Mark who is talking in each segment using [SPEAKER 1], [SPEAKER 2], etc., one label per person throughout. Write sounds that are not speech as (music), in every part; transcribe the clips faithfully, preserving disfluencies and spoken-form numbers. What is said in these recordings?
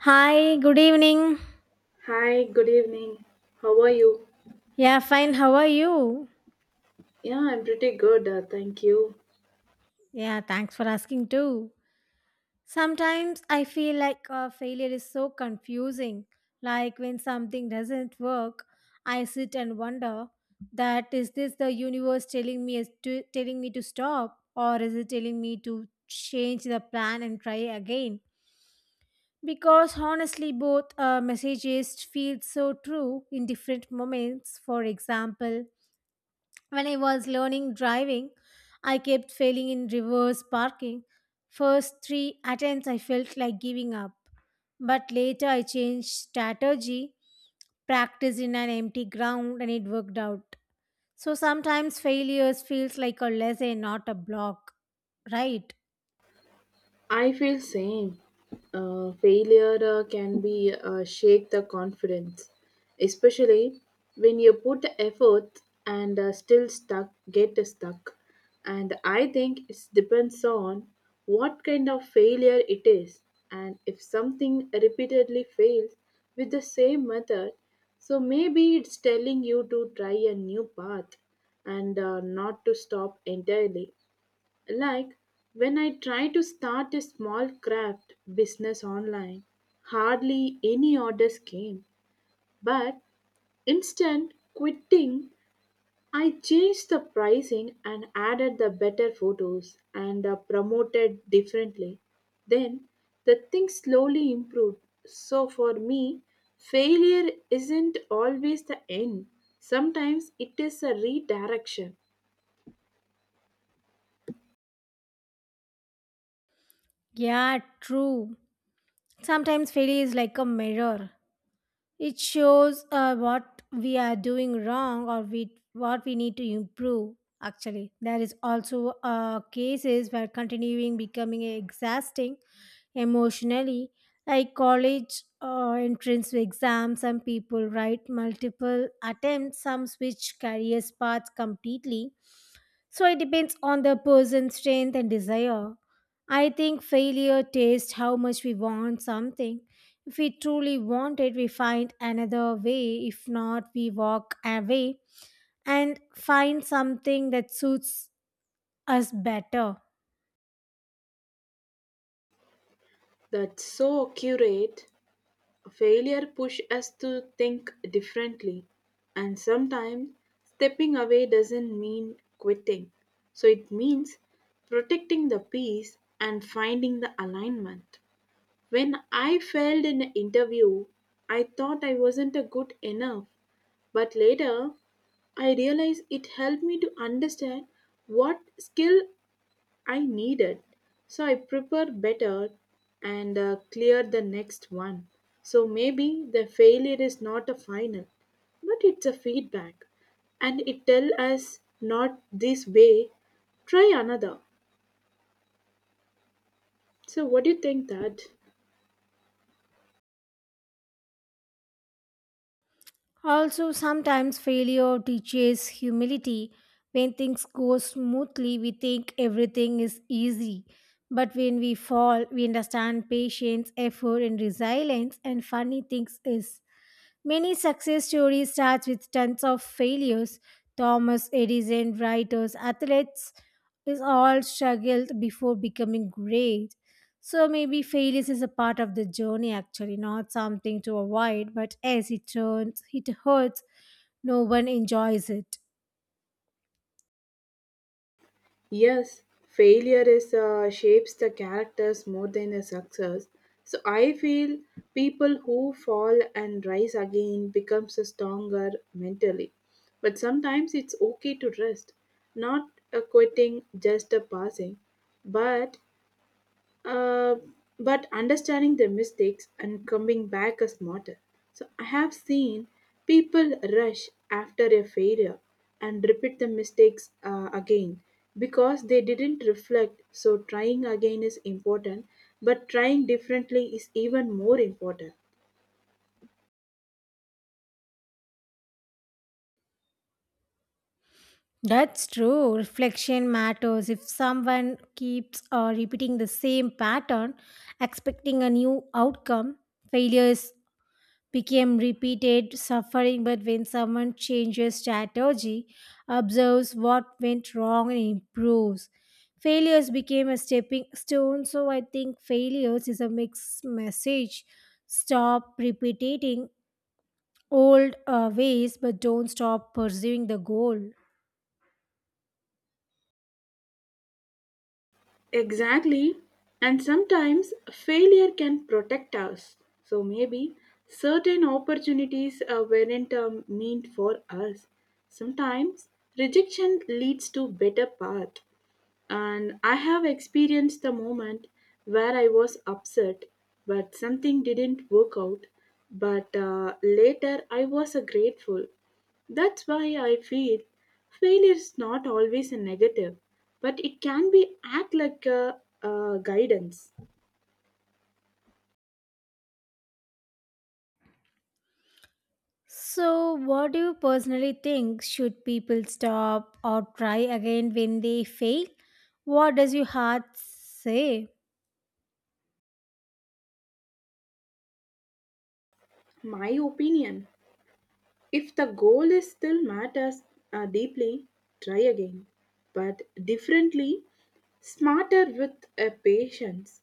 [SPEAKER 1] Hi, good evening.
[SPEAKER 2] Hi, good evening. How are you?
[SPEAKER 1] Yeah, fine. How are you?
[SPEAKER 2] Yeah, I'm pretty good, uh, thank you.
[SPEAKER 1] Yeah, thanks for asking too. Sometimes I feel like uh, failure is so confusing. Like when something doesn't work, I sit and wonder that is this the universe telling me is to, telling me to stop or is it telling me to change the plan and try again? Because honestly, both uh, messages feel so true in different moments. For example, when I was learning driving, I kept failing in reverse parking. First three attempts, I felt like giving up. But later, I changed strategy, practiced in an empty ground, and it worked out. So sometimes failures feels like a lesson, not a block, right?
[SPEAKER 2] I feel same. Uh, failure uh, can be uh, shake the confidence, especially when you put effort and uh, still stuck get stuck. And I think it depends on what kind of failure it is, and if something repeatedly fails with the same method, so maybe it's telling you to try a new path and uh, not to stop entirely, like when I try to start a small craft business online, hardly any orders came. But instant quitting, I changed the pricing and added the better photos and uh, promoted differently. Then the thing slowly improved. So for me, failure isn't always the end. Sometimes it is a redirection.
[SPEAKER 1] Yeah, true. Sometimes failure is like a mirror. It shows uh, what we are doing wrong or we, what we need to improve. Actually, there is also uh, cases where continuing becoming exhausting emotionally, like college uh, entrance exams. Some people write multiple attempts. Some switch careers paths completely, so it depends on the person's strength and desire. I think failure tests how much we want something. If we truly want it, we find another way. If not, we walk away and find something that suits us better.
[SPEAKER 2] That's so accurate. Failure push us to think differently, and sometimes stepping away doesn't mean quitting. So it means protecting the peace and finding the alignment. When I failed in an interview, I thought I wasn't a good enough, but later I realized it helped me to understand what skill I need it. So I prepare better and uh, clear the next one. So maybe the failure is not a final, but it's a feedback. And it tell us not this way, try another. So what do you think that?
[SPEAKER 1] Also, sometimes failure teaches humility. When things go smoothly, we think everything is easy. But when we fall, we understand patience, effort, and resilience, and funny things is many success stories start with tons of failures. Thomas Edison, writers, athletes is all struggled before becoming great. So maybe failures is a part of the journey actually, not something to avoid, but as it turns, it hurts, no one enjoys it.
[SPEAKER 2] Yes, failure is uh, shapes the characters more than a success. So I feel people who fall and rise again becomes a stronger mentally. But sometimes it's okay to rest, not a quitting, just a passing. But uh, but understanding their mistakes and coming back is smarter. So I have seen people rush after a failure and repeat the mistakes uh, again because they didn't reflect. So trying again is important, but trying differently is even more important.
[SPEAKER 1] That's true. Reflection matters. If someone keeps uh, repeating the same pattern, expecting a new outcome, failure is became repeated suffering, but when someone changes strategy, observes what went wrong and improves, failures became a stepping stone. So I think failures is a mixed message: stop repeating old uh, ways, but don't stop pursuing the goal.
[SPEAKER 2] Exactly. And sometimes failure can protect us. So maybe certain opportunities uh, weren't um, meant for us. Sometimes rejection leads to better path. And I have experienced the moment where I was upset, but something didn't work out. But uh, later I was uh, grateful. That's why I feel failure is not always a negative, but it can be act like a, a guidance.
[SPEAKER 1] So what do you personally think, should people stop or try again when they fail? What does your heart say?
[SPEAKER 2] My opinion. If the goal is still matters uh, deeply, try again, but differently, smarter with a patience.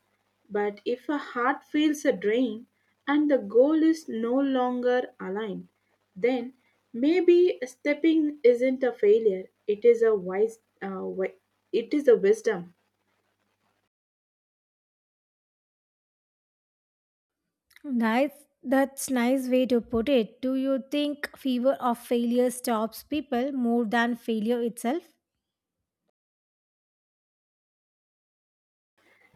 [SPEAKER 2] But if a heart feels a drain and the goal is no longer aligned, then maybe stepping isn't a failure. It is a wise, uh, wi- it is a wisdom.
[SPEAKER 1] Nice. That's nice way to put it. Do you think fear of failure stops people more than failure itself?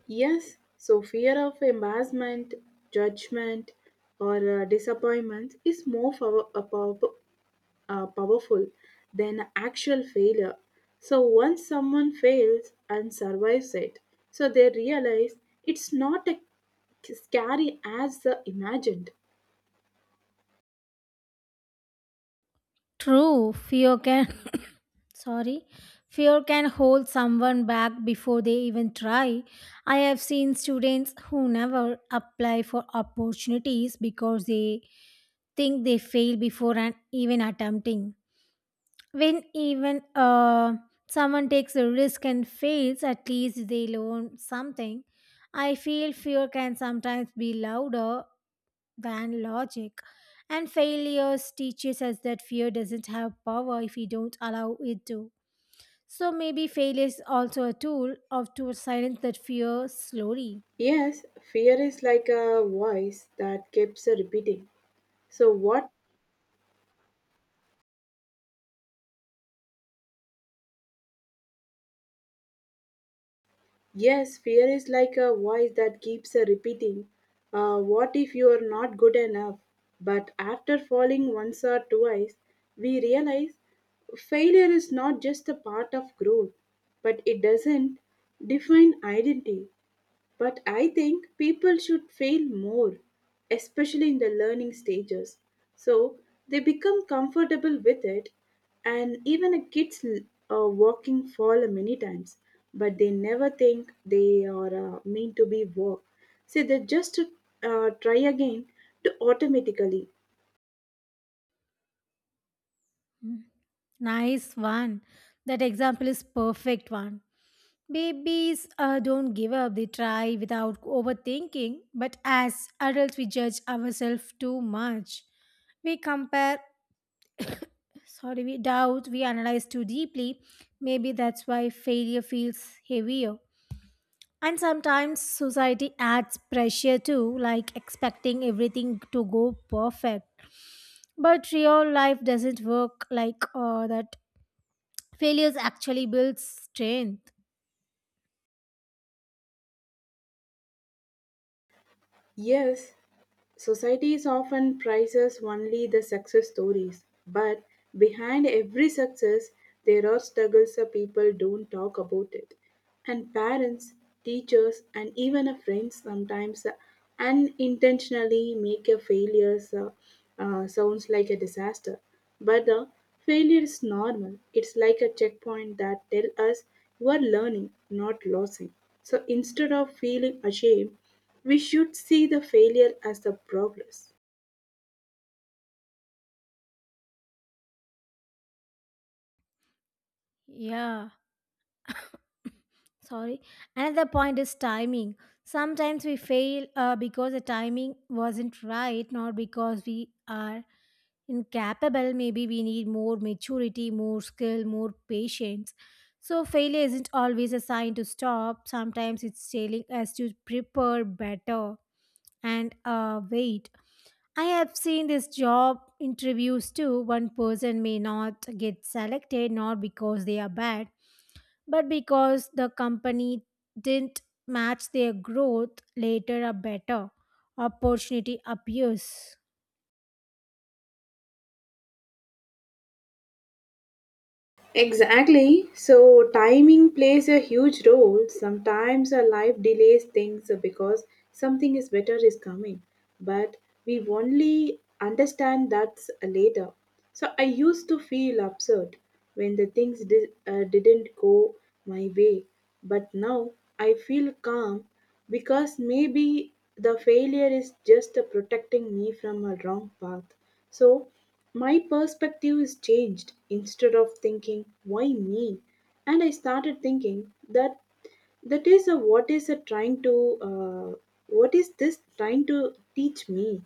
[SPEAKER 2] Yes, so fear of embarrassment, judgment, or uh, disappointment is more pow- uh, pow- uh, powerful than actual failure. So once someone fails and survives it, so they realize it's not a scary as uh, imagined.
[SPEAKER 1] True. Fear can (laughs) sorry. Fear can hold someone back before they even try. I have seen students who never apply for opportunities because they think they fail before and even attempting. When even uh, someone takes a risk and fails, at least they learn something. I feel fear can sometimes be louder than logic. And failures teaches us that fear doesn't have power if we don't allow it to. So maybe failure is also a tool of to silence that fear slowly.
[SPEAKER 2] Yes, fear is like a voice that keeps repeating. So, what Yes, fear is like a voice that keeps uh, repeating, uh, what if you are not good enough? But after falling once or twice, we realize failure is not just a part of growth, but it doesn't define identity. But I think people should fail more, especially in the learning stages. So they become comfortable with it, and even a kids uh, walking fall many times, but they never think they are uh, meant to be walk. So they just uh, try again to automatically.
[SPEAKER 1] Mm. Nice one. That example is perfect one. Babies uh, don't give up, they try without overthinking. But as adults, we judge ourselves too much. We compare, sorry, we doubt, we analyze too deeply. Maybe that's why failure feels heavier. And sometimes society adds pressure too, like expecting everything to go perfect. But real life doesn't work like uh, that. Failures actually build strength.
[SPEAKER 2] Yes, societies often prizes only the success stories, but behind every success, there are struggles that people don't talk about it. And parents, teachers, and even a friend sometimes unintentionally make a failure so- uh, sounds like a disaster. But the failure is normal. It's like a checkpoint that tell us you are learning, not losing. So instead of feeling ashamed, we should see the failure as the progress.
[SPEAKER 1] Yeah, sorry, another point is timing. Sometimes we fail uh, because the timing wasn't right, not because we are incapable. Maybe we need more maturity, more skill, more patience. So failure isn't always a sign to stop. Sometimes it's telling us to prepare better and uh, wait. I have seen this job interviews too. One person may not get selected not because they are bad, but because the company didn't match their growth. Later a better opportunity appears.
[SPEAKER 2] Exactly. So, timing plays a huge role. Sometimes our life delays things because something is better is coming, but we only understand that later. So, I used to feel upset when the things did, uh, didn't go my way, but now I feel calm. Because maybe the failure is just a protecting me from a wrong path. So my perspective is changed. Instead of thinking, why me? And I started thinking that that is a what is a trying to uh, what is this trying to teach me.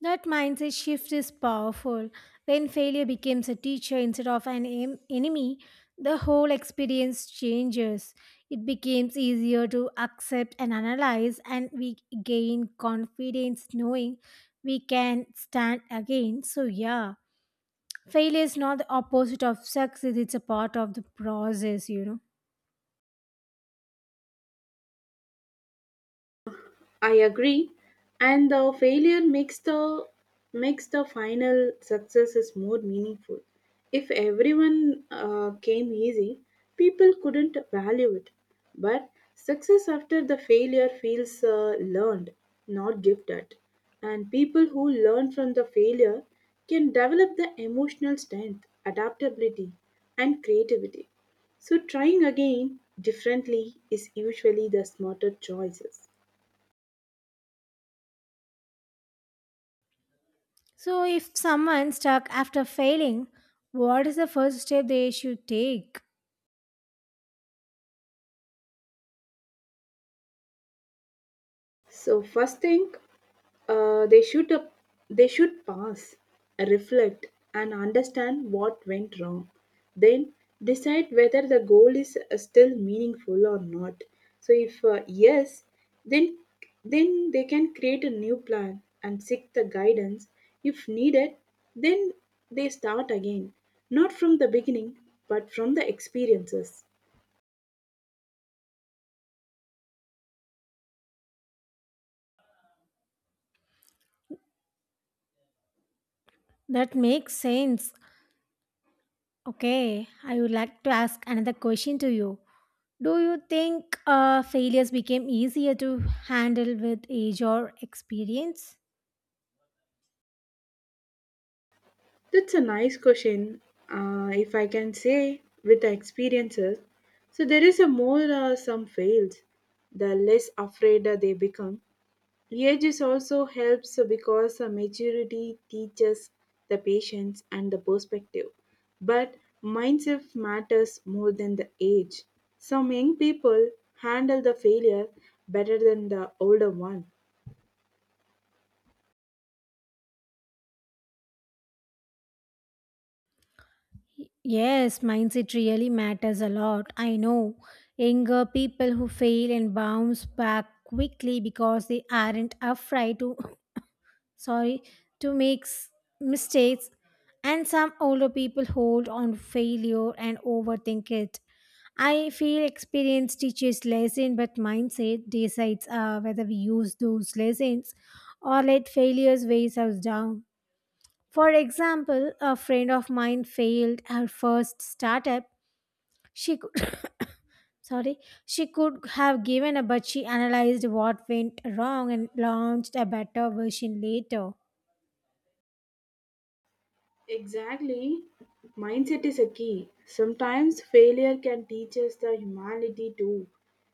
[SPEAKER 1] That mindset shift is powerful. When failure becomes a teacher instead of an em- enemy, the whole experience changes. It becomes easier to accept and analyze, and we gain confidence knowing we can stand again. So, yeah, failure is not the opposite of success, it's a part of the process, you know.
[SPEAKER 2] I agree, and the failure makes the makes the final success is more meaningful. If everyone uh, came easy, people couldn't value it. But success after the failure feels uh, learned, not gifted. And people who learn from the failure can develop the emotional strength, adaptability, and creativity. So trying again differently is usually the smarter choices.
[SPEAKER 1] So, if someone stuck after failing, what is the first step they should take?
[SPEAKER 2] So first thing, uh, they should uh, they should pause, reflect, and understand what went wrong. Then decide whether the goal is uh, still meaningful or not. So if uh, yes, then then they can create a new plan and seek the guidance if needed. Then they start again, not from the beginning but from the experiences.
[SPEAKER 1] That makes sense. Okay, I would like to ask another question to you. Do you think uh, failures became easier to handle with age or experience?
[SPEAKER 2] That's a nice question. Uh, if I can say with the experiences, so there is a more uh, some fails, the less afraid they become. Age is also helps because uh, maturity teaches the patience and the perspective, but mindset matters more than the age. Some young people handle the failure better than the older one.
[SPEAKER 1] Yes, mindset really matters a lot. I know younger people who fail and bounce back quickly because they aren't afraid to, sorry, to make s- mistakes, and some older people hold on to failure and overthink it. I feel experience teaches lesson, but mindset decides uh, whether we use those lessons or let failures weigh us down. For example, a friend of mine failed her first startup. She could (coughs) sorry, she could have given up, but she analyzed what went wrong and launched a better version later.
[SPEAKER 2] Exactly. Mindset is a key. Sometimes failure can teach us the humanity too.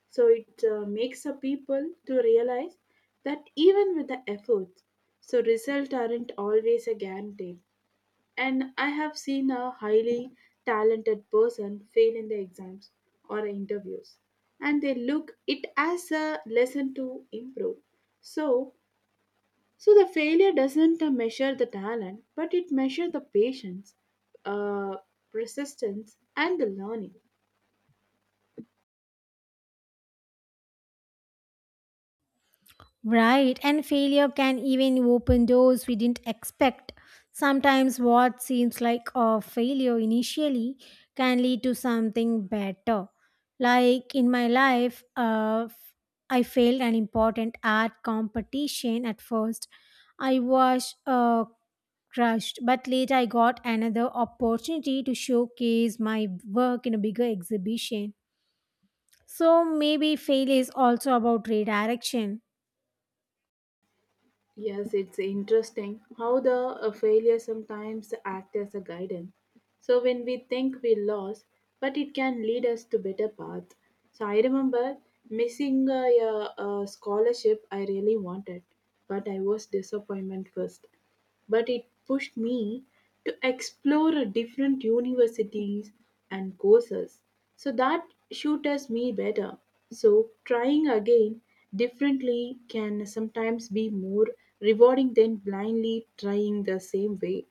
[SPEAKER 2] So it uh, makes the people to realize that even with the efforts, so results aren't always a guarantee. And I have seen a highly talented person fail in the exams or interviews, and they look it as a lesson to improve. So so the failure doesn't uh, measure the talent, but it measures the patience, uh, persistence, and the learning.
[SPEAKER 1] Right, and failure can even open doors we didn't expect. Sometimes what seems like a failure initially can lead to something better. Like in my life, uh, I failed an important art competition at first. I was uh, crushed, but later I got another opportunity to showcase my work in a bigger exhibition. So maybe failure is also about redirection.
[SPEAKER 2] Yes, it's interesting how the uh, failure sometimes act as a guidance. So when we think we lost, but it can lead us to better path. So I remember missing a, a, a scholarship I really wanted, but I was disappointment first, but it pushed me to explore a different universities and courses so that suits me better. So trying again differently can sometimes be more rewarding than blindly trying the same way.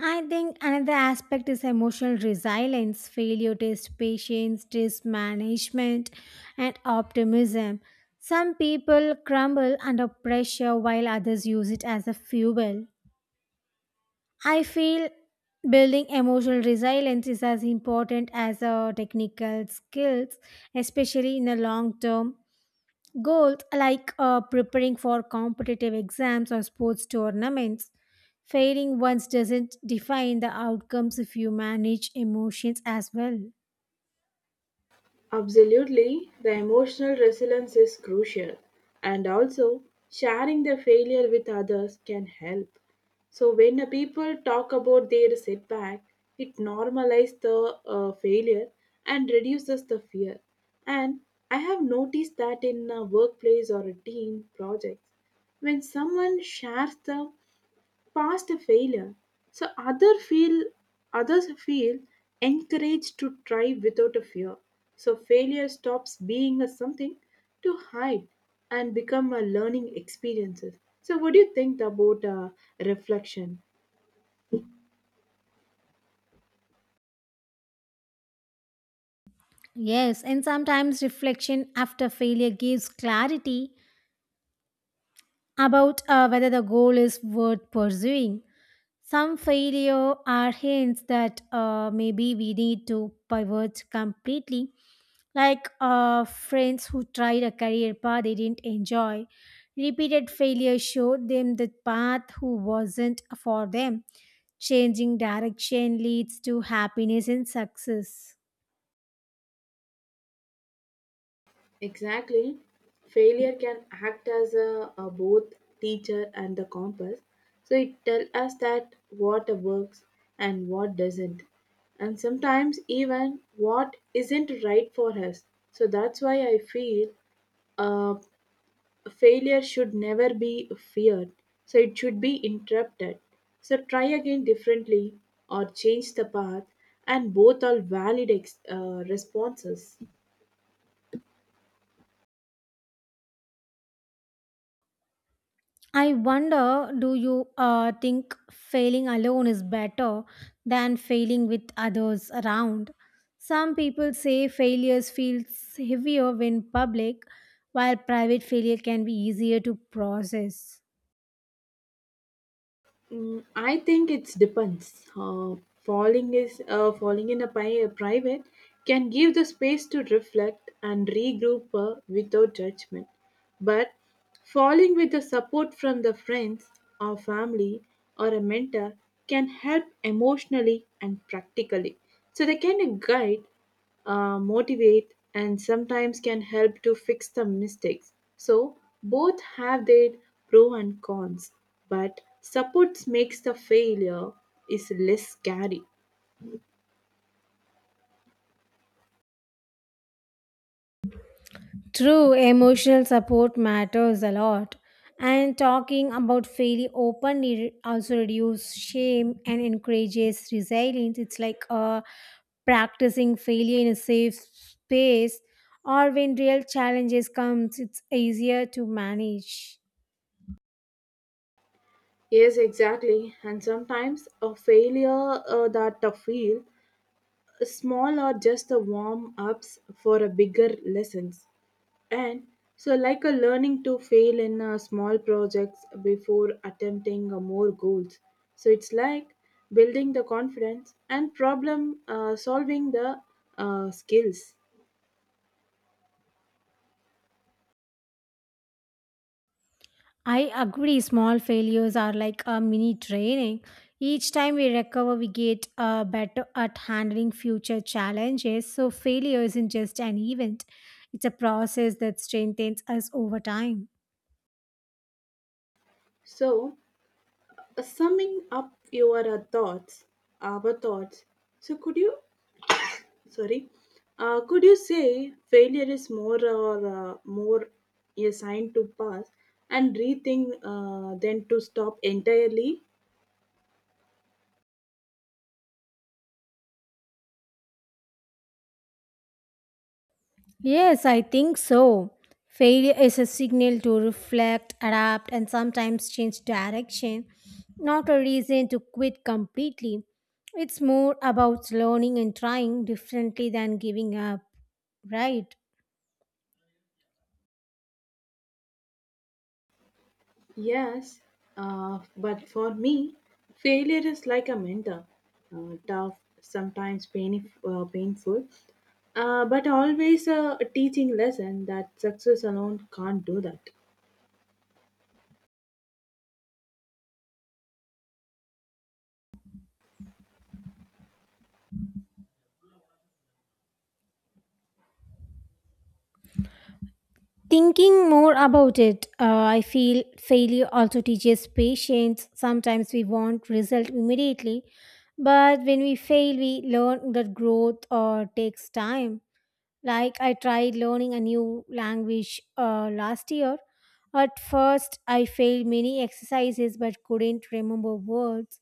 [SPEAKER 1] I think another aspect is emotional resilience. Failure test patience, test management, and optimism. Some people crumble under pressure while others use it as a fuel. I feel building emotional resilience is as important as a technical skills, especially in the long term goals like uh, preparing for competitive exams or sports tournaments. Failing once doesn't define the outcomes if you manage emotions as well.
[SPEAKER 2] Absolutely, the emotional resilience is crucial, and also sharing their failure with others can help. So, when the people talk about their setback, it normalizes the uh, failure and reduces the fear. And I have noticed that in a workplace or a team projects, when someone shares the past a failure. So other feel Others feel encouraged to try without a fear. So failure stops being a something to hide and become a learning experiences. So what do you think about uh, reflection?
[SPEAKER 1] Yes, and sometimes reflection after failure gives clarity about uh, whether the goal is worth pursuing. Some failure are hints that uh, maybe we need to pivot completely, like uh, friends who tried a career path they didn't enjoy. Repeated failure showed them the path who wasn't for them. Changing direction leads to happiness and success.
[SPEAKER 2] Exactly. Failure can act as a, a both teacher and the compass. So it tells us that what works and what doesn't. And sometimes even what isn't right for us. So that's why I feel uh, failure should never be feared. So it should be interrupted. So try again differently or change the path, and both are valid ex- uh, responses.
[SPEAKER 1] I wonder, do you uh, think failing alone is better than failing with others around? Some people say failures feel heavier when public, while private failure can be easier to process.
[SPEAKER 2] Mm, I think it depends. Uh, falling is uh, falling in a, pi- private can give the space to reflect and regroup uh, without judgment. But falling with the support from the friends or family or a mentor can help emotionally and practically. So they can guide, uh, motivate, and sometimes can help to fix the mistakes. So, both have their pro and cons, but support makes the failure is less scary.
[SPEAKER 1] True, emotional support matters a lot. And talking about failure openly re- also reduces shame and encourages resilience. It's like uh, practicing failure in a safe space, or when real challenges comes, it's easier to manage.
[SPEAKER 2] Yes, exactly. And sometimes a failure uh, that the feel small or just the warm ups for a bigger lessons. And so, like a learning to fail in uh, small projects before attempting uh, more goals. So, it's like building the confidence and problem uh, solving the uh, skills.
[SPEAKER 1] I agree, small failures are like a mini training. Each time we recover, we get uh, better at handling future challenges. So, failure isn't just an event, it's a process that strengthens us over time.
[SPEAKER 2] So, uh, summing up your uh, thoughts, our thoughts. So, could you, sorry, uh, could you say failure is more or uh, more a sign to pass and rethink uh, than to stop entirely?
[SPEAKER 1] Yes, I think so. Failure is a signal to reflect, adapt, and sometimes change direction, not a reason to quit completely. It's more about learning and trying differently than giving up, right?
[SPEAKER 2] Yes, uh, but for me, failure is like a mentor, uh, tough, sometimes pain, uh, painful, uh, but always a, a teaching lesson that success alone can't do that.
[SPEAKER 1] Thinking more about it, uh, I feel failure also teaches patience. Sometimes we want result immediately, but when we fail, we learn that growth or takes time. Like I tried learning a new language uh, last year. At first, I failed many exercises but couldn't remember words.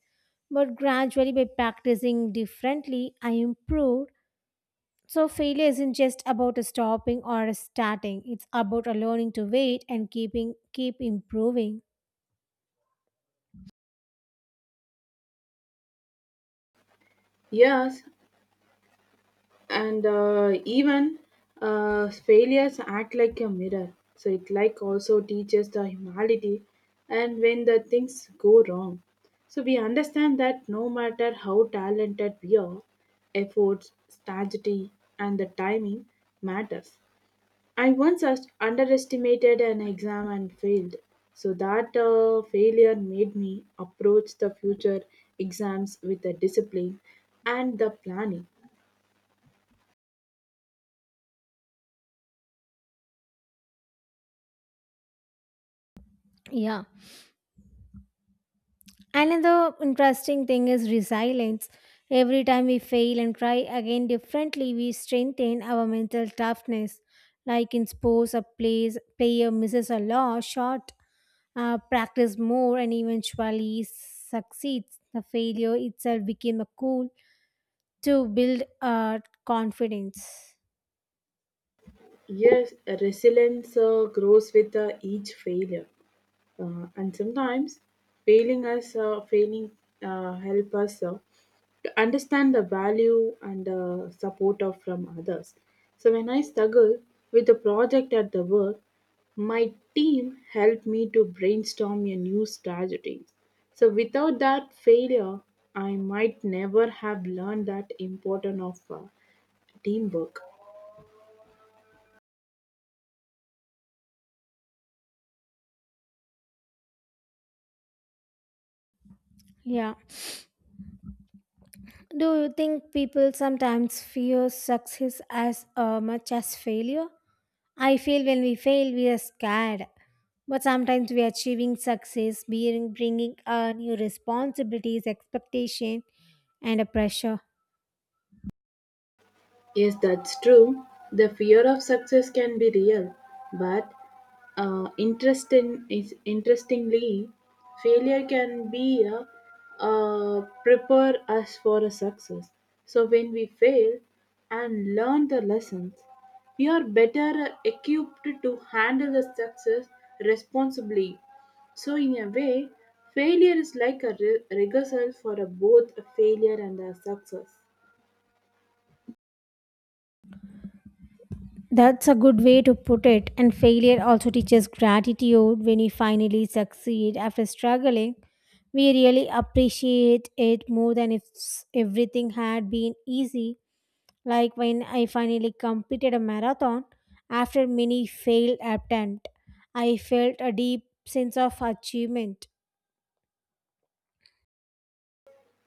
[SPEAKER 1] But gradually, by practicing differently, I improved. So, failure isn't just about a stopping or a starting, it's about a learning to wait and keeping keep improving.
[SPEAKER 2] Yes, and uh, even uh, failures act like a mirror, so it like also teaches the humanity. And when the things go wrong, so we understand that no matter how talented we are, efforts, strategy, and the timing matters. I once as- underestimated an exam and failed. So that uh, failure made me approach the future exams with the discipline and the planning.
[SPEAKER 1] Yeah. Another interesting thing is resilience. Every time we fail and try again differently, we strengthen our mental toughness. Like in sports, a plays, player misses a law shot, uh, practice more, and eventually succeeds. The failure itself became a tool to build uh, confidence.
[SPEAKER 2] Yes, resilience uh, grows with uh, each failure, uh, and sometimes failing us, uh, failing uh, help us uh, to understand the value and uh, support of from others. So when I struggle with a project at the work, my team helped me to brainstorm a new strategy. So without that failure, I might never have learned that important of uh, teamwork.
[SPEAKER 1] Yeah. Do you think people sometimes fear success as uh, much as failure? I feel when we fail, we are scared. But sometimes we are achieving success, being bringing uh, new responsibilities, expectation, and a pressure.
[SPEAKER 2] Yes, that's true. The fear of success can be real, but uh, interesting is interestingly, failure can be a, uh, prepare us for a success. So when we fail and learn the lessons, we are better equipped to handle the success responsibly. So in a way, failure is like a re- rehearsal for a both a failure and a success.
[SPEAKER 1] That's a good way to put it. And failure also teaches gratitude when we finally succeed after struggling. We really appreciate it more than if s- everything had been easy. Like when I finally completed a marathon after many failed attempts, I felt a deep sense of achievement.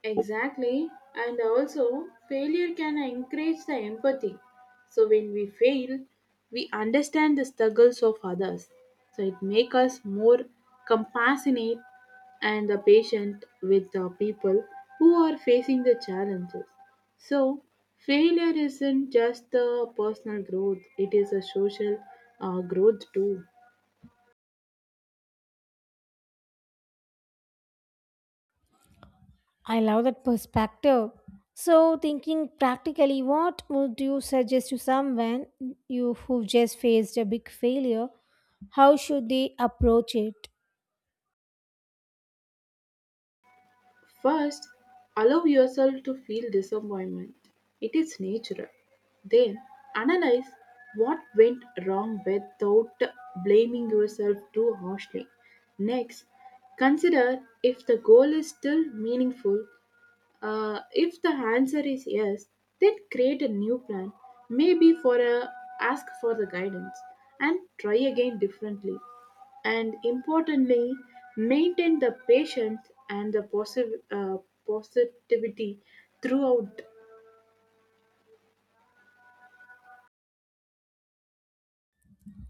[SPEAKER 2] Exactly. And also, failure can encourage the empathy. So when we fail, we understand the struggles of others. So it makes us more compassionate and the patient with the people who are facing the challenges. So failure isn't just the personal growth, it is a social uh, growth too.
[SPEAKER 1] I love that perspective. So, thinking practically, what would you suggest to someone you who just faced a big failure? How should they approach it?
[SPEAKER 2] First, allow yourself to feel disappointment. It is natural. Then, analyze what went wrong without blaming yourself too harshly. Next, consider if the goal is still meaningful. Uh, if the answer is yes, then create a new plan, maybe for a ask for the guidance and try again differently. And importantly, maintain the patience and the posi- uh, positivity throughout.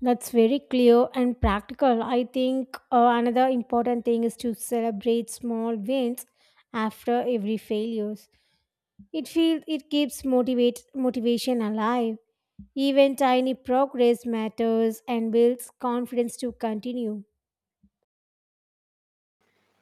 [SPEAKER 1] That's very clear and practical. I think uh, another important thing is to celebrate small wins after every failures. It feels it keeps motivate motivation alive. Even tiny progress matters and builds confidence to continue.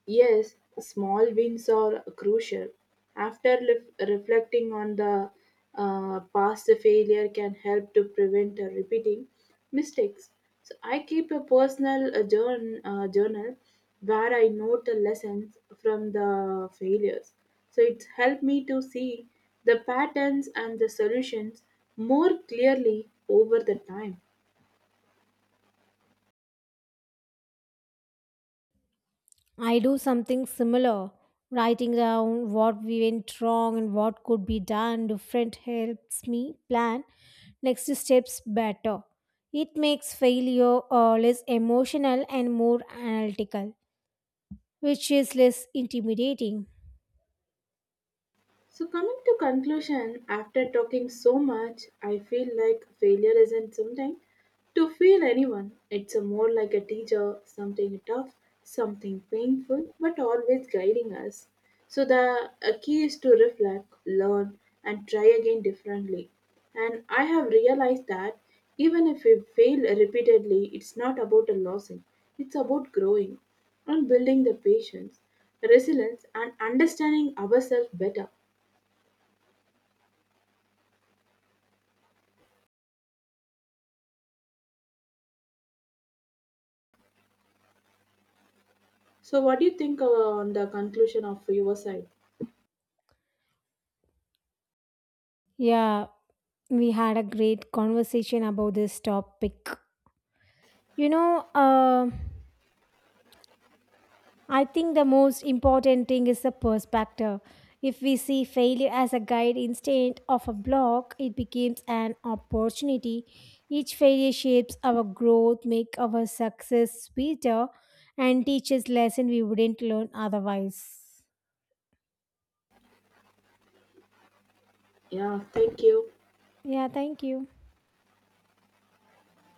[SPEAKER 2] Yes, small wins are crucial. After lef- reflecting on the uh, past the failure can help to prevent uh, repeating mistakes. So I keep a personal uh, journ- uh, journal where I note the lessons from the failures. So it's helped me to see the patterns and the solutions more clearly over the time.
[SPEAKER 1] I do something similar, writing down what we went wrong and what could be done different helps me plan next steps better. It makes failure uh, less emotional and more analytical, which is less intimidating.
[SPEAKER 2] So, coming to conclusion, after talking so much, I feel like failure isn't something to feel anyone. It's a more like a teacher, something tough, something painful, but always guiding us. So, the uh, key is to reflect, learn, and try again differently. And I have realized that even if we fail repeatedly, it's not about a losing, it's about growing and building the patience, resilience, and understanding ourselves better. So, what do you think uh, on the conclusion of your side?
[SPEAKER 1] Yeah, we had a great conversation about this topic. You know, uh, I think the most important thing is the perspective. If we see failure as a guide instead of a block, it becomes an opportunity. Each failure shapes our growth, make our success sweeter, and teaches lesson we wouldn't learn otherwise.
[SPEAKER 2] Yeah, thank you.
[SPEAKER 1] Yeah, thank you.